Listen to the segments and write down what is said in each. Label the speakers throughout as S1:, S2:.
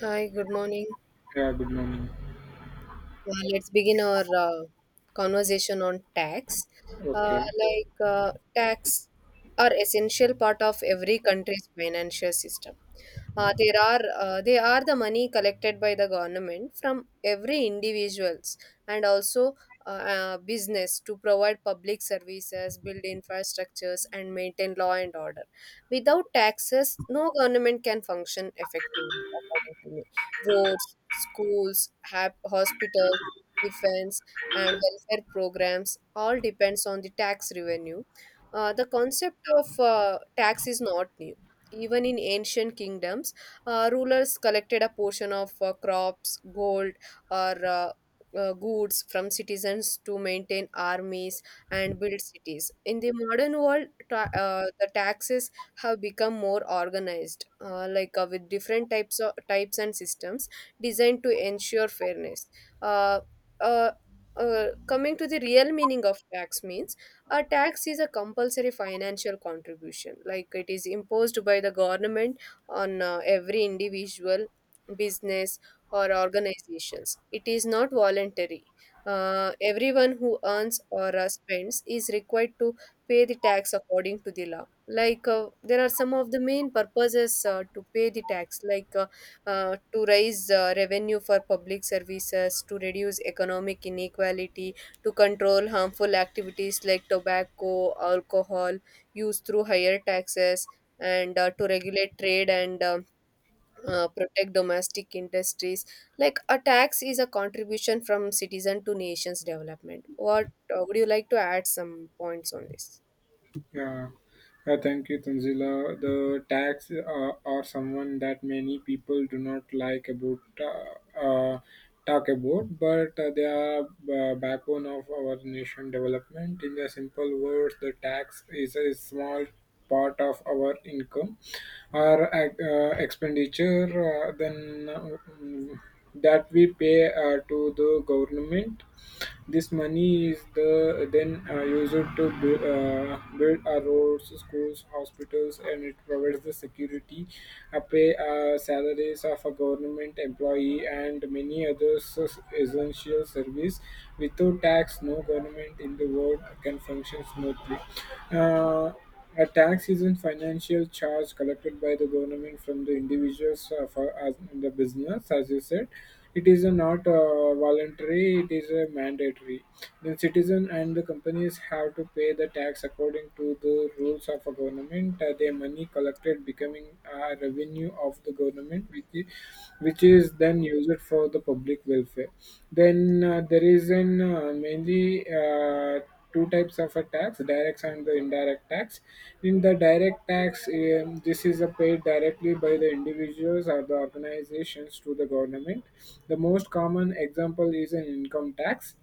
S1: Hi, good morning.
S2: Yeah, good morning.
S1: Let's begin our conversation on tax.
S2: Okay.
S1: Tax are essential part of every country's financial system.
S2: Yeah.
S1: There are They are the money collected by the government from every individuals and also business to provide public services, build infrastructures, and maintain law and order. Without taxes, no government can function effectively, according to me roads, schools, hospitals, defense, and welfare programs all depends on the tax revenue. The concept of tax is not new. Even in ancient kingdoms, rulers collected a portion of crops, gold, or goods from citizens to maintain armies and build cities. In the modern world, the taxes have become more organized, with different types of types and systems designed to ensure fairness. Uh, uh, Coming to the real meaning of tax means a tax is a compulsory financial contribution like it is imposed by the government on every individual, business, or organizations. It is not voluntary. Everyone who earns or spends is required to pay the tax according to the law. There are some of the main purposes to pay the tax, to raise revenue for public services, to reduce economic inequality, to control harmful activities like tobacco alcohol use through higher taxes, and to regulate trade and protect domestic industries. Like a tax is a contribution from citizen to nation's development. What would you like to add some points on this?
S2: Yeah. Thank you, Tanzila. The tax are someone that many people do not like about talk about, but they are backbone of our nation development. In the simple words, the tax is a small part of our income or expenditure then that we pay to the government. This money is the then used to build our roads, schools, hospitals, and it provides the security, pay salaries of a government employee, and many other essential service. Without tax, no government in the world can function smoothly. Uh, a tax is a financial charge collected by the government from the individuals for as in the business, as you said. It is a not voluntary; it is a mandatory. The citizen and the companies have to pay the tax according to the rules of a government. Their money collected becoming a revenue of the government, which is then used for the public welfare. Then there is an mainly. Two types of a tax, direct and the indirect tax. In the direct tax, this is a paid directly by the individuals or the organizations to the government. The most common example is an income tax,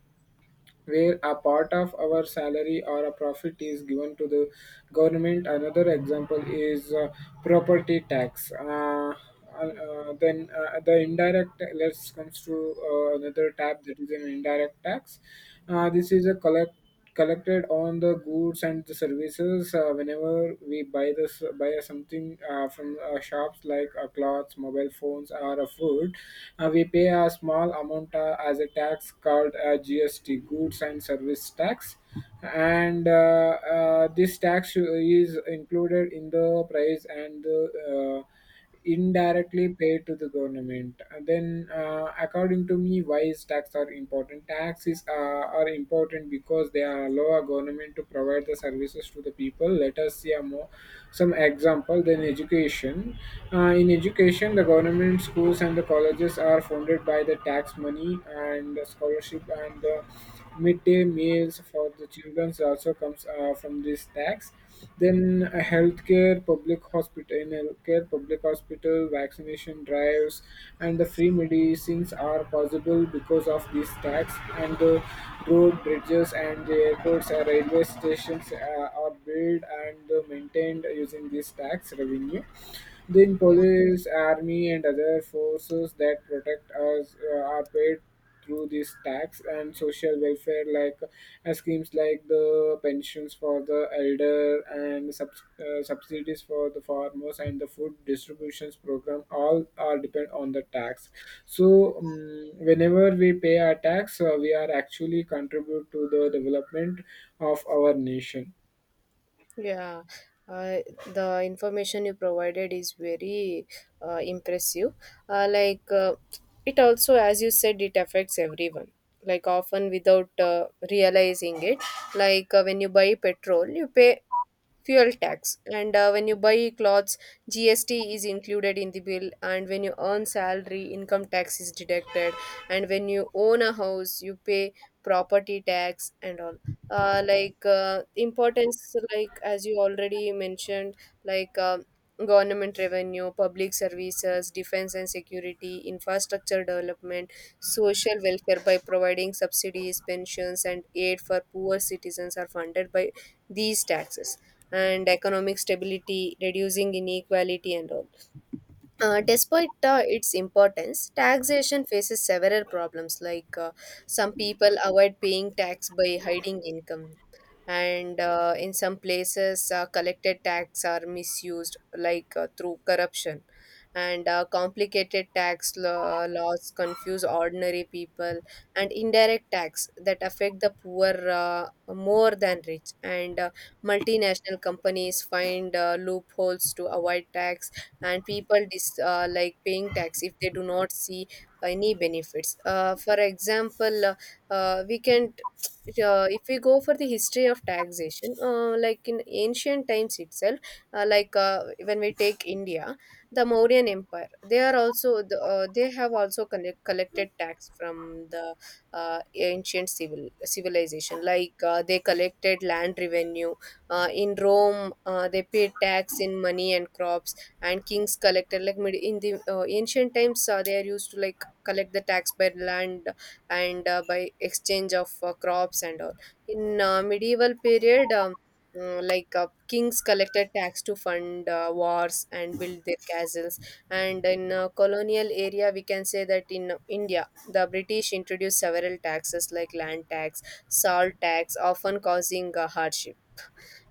S2: where a part of our salary or a profit is given to the government. Another example is property tax. The indirect let's comes to another tab, that is an indirect tax. This is a collected on the goods and the services. Whenever we buy something from shops like clothes, mobile phones, or a food, we pay a small amount as a tax called GST, goods and service tax. And This tax is included in the price and the indirectly pay to the government. And then, according to me, why is tax are important? Taxes are important because they allow a government to provide the services to the people. Let us see a more some example. Then education. In education, the government schools and the colleges are funded by the tax money, and the scholarship and the midday meals for the children also comes from this tax. Then healthcare, public in healthcare, public hospital, vaccination drives, and the free medicines are possible because of these tax. And the road, bridges, and the airports and railway stations are built and maintained using this tax revenue. Then police, army, and other forces that protect us are paid through this tax. And social welfare, like schemes like the pensions for the elder, and subsidies for the farmers, and the food distributions program all are depend on the tax. So whenever we pay our tax, we are actually contribute to the development of our nation.
S1: Yeah, uh, the information you provided is very impressive. Uh, like uh, it also, as you said, it affects everyone. Like often without realizing it. When you buy petrol, you pay fuel tax, and when you buy clothes, GST is included in the bill. And when you earn salary, income tax is deducted. And when you own a house, you pay property tax and all. Importance like as you already mentioned, like um government revenue, public services, defense and security, infrastructure development, social welfare by providing subsidies, pensions, and aid for poor citizens are funded by these taxes, and economic stability, reducing inequality and all. Despite its importance, taxation faces several problems. Some people avoid paying tax by hiding income, and in some places, collected tax are misused, through corruption. And complicated laws confuse ordinary people, and indirect tax that affect the poor more than rich. And multinational companies find loopholes to avoid tax, and people like paying tax if they do not see any benefits. For example, we can if we go for the history of taxation, in ancient times itself, when we take India, the Mauryan Empire, they are also they have also collected tax from the ancient civilization. They collected land revenue. In Rome, they paid tax in money and crops, and kings collected like in the ancient times they are used to like collect the tax by land and by exchange of crops and all. In medieval period, kings collected tax to fund wars and build their castles, and in colonial area we can say that in india the british introduced several taxes like land tax, salt tax, often causing hardship.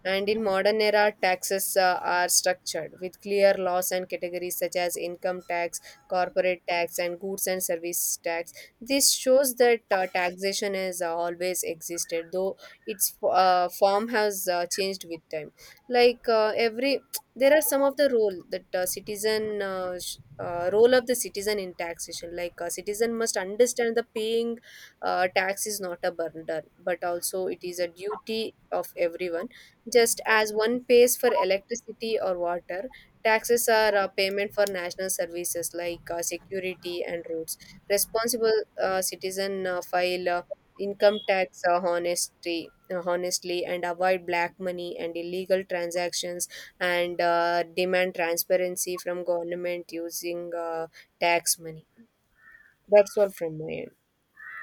S1: And in modern era, taxes are structured with clear laws and categories such as income tax, corporate tax, and goods and service tax. This shows that taxation has always existed, though its form has changed with time. Every, there are some of the role that citizen. Role of the citizen in taxation, like a citizen must understand the paying tax is not a burden but also it is a duty of everyone. Just as one pays for electricity or water, taxes are a payment for national services like security and roads. Responsible citizen file income tax honestly, and avoid black money and illegal transactions, and demand transparency from government using tax money. That's all from my end.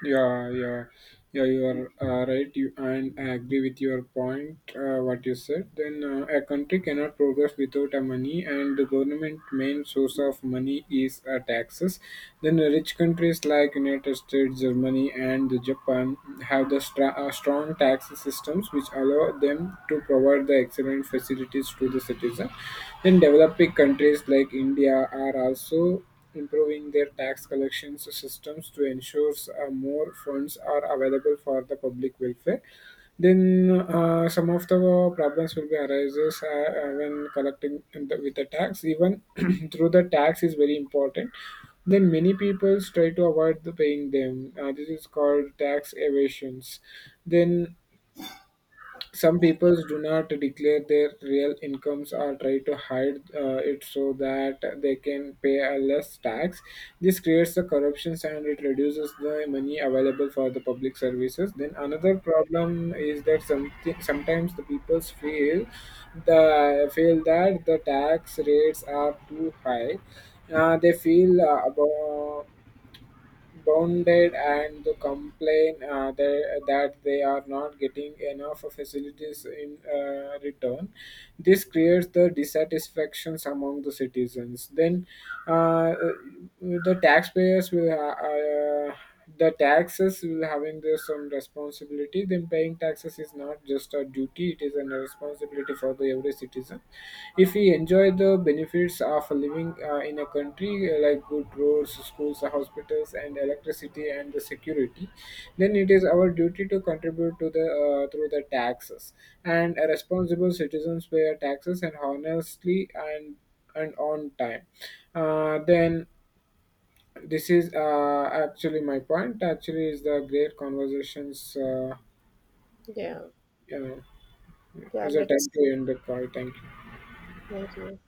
S2: Yeah, yeah, yeah. You are right. You, and I agree with your point what you said. Then a country cannot progress without a money, and the government main source of money is taxes. Then the rich countries like United States, Germany, and Japan have the strong tax systems which allow them to provide the excellent facilities to the citizen. Then developing countries like India are also improving their tax collections systems to ensure more funds are available for the public welfare. Then some of the problems will be arises when collecting in with the tax, even through the tax is very important. Then many people try to avoid the paying them. This is called tax evasions. Then some people do not declare their real incomes or try to hide it, so that they can pay a less tax. This creates the corruptions and it reduces the money available for the public services. Then another problem is that something sometimes the people feel the feel that the tax rates are too high. They feel about bounded and the complain that they are not getting enough facilities in return. This creates the dissatisfactions among the citizens. Uh, the taxpayers will, the taxes will having their some responsibility. Then paying taxes is not just a duty, it is a responsibility for the every citizen. If we enjoy the benefits of living in a country like good roads, schools, hospitals, and electricity, and the security, then it is our duty to contribute to the through the taxes. And a responsible citizens pay our taxes, and honestly, and on time. Then This is actually my point, actually, is the great conversations.
S1: Yeah.
S2: You know,
S1: Yeah,
S2: is a
S1: let's.
S2: time to end the call. Thank you.
S1: Thank you.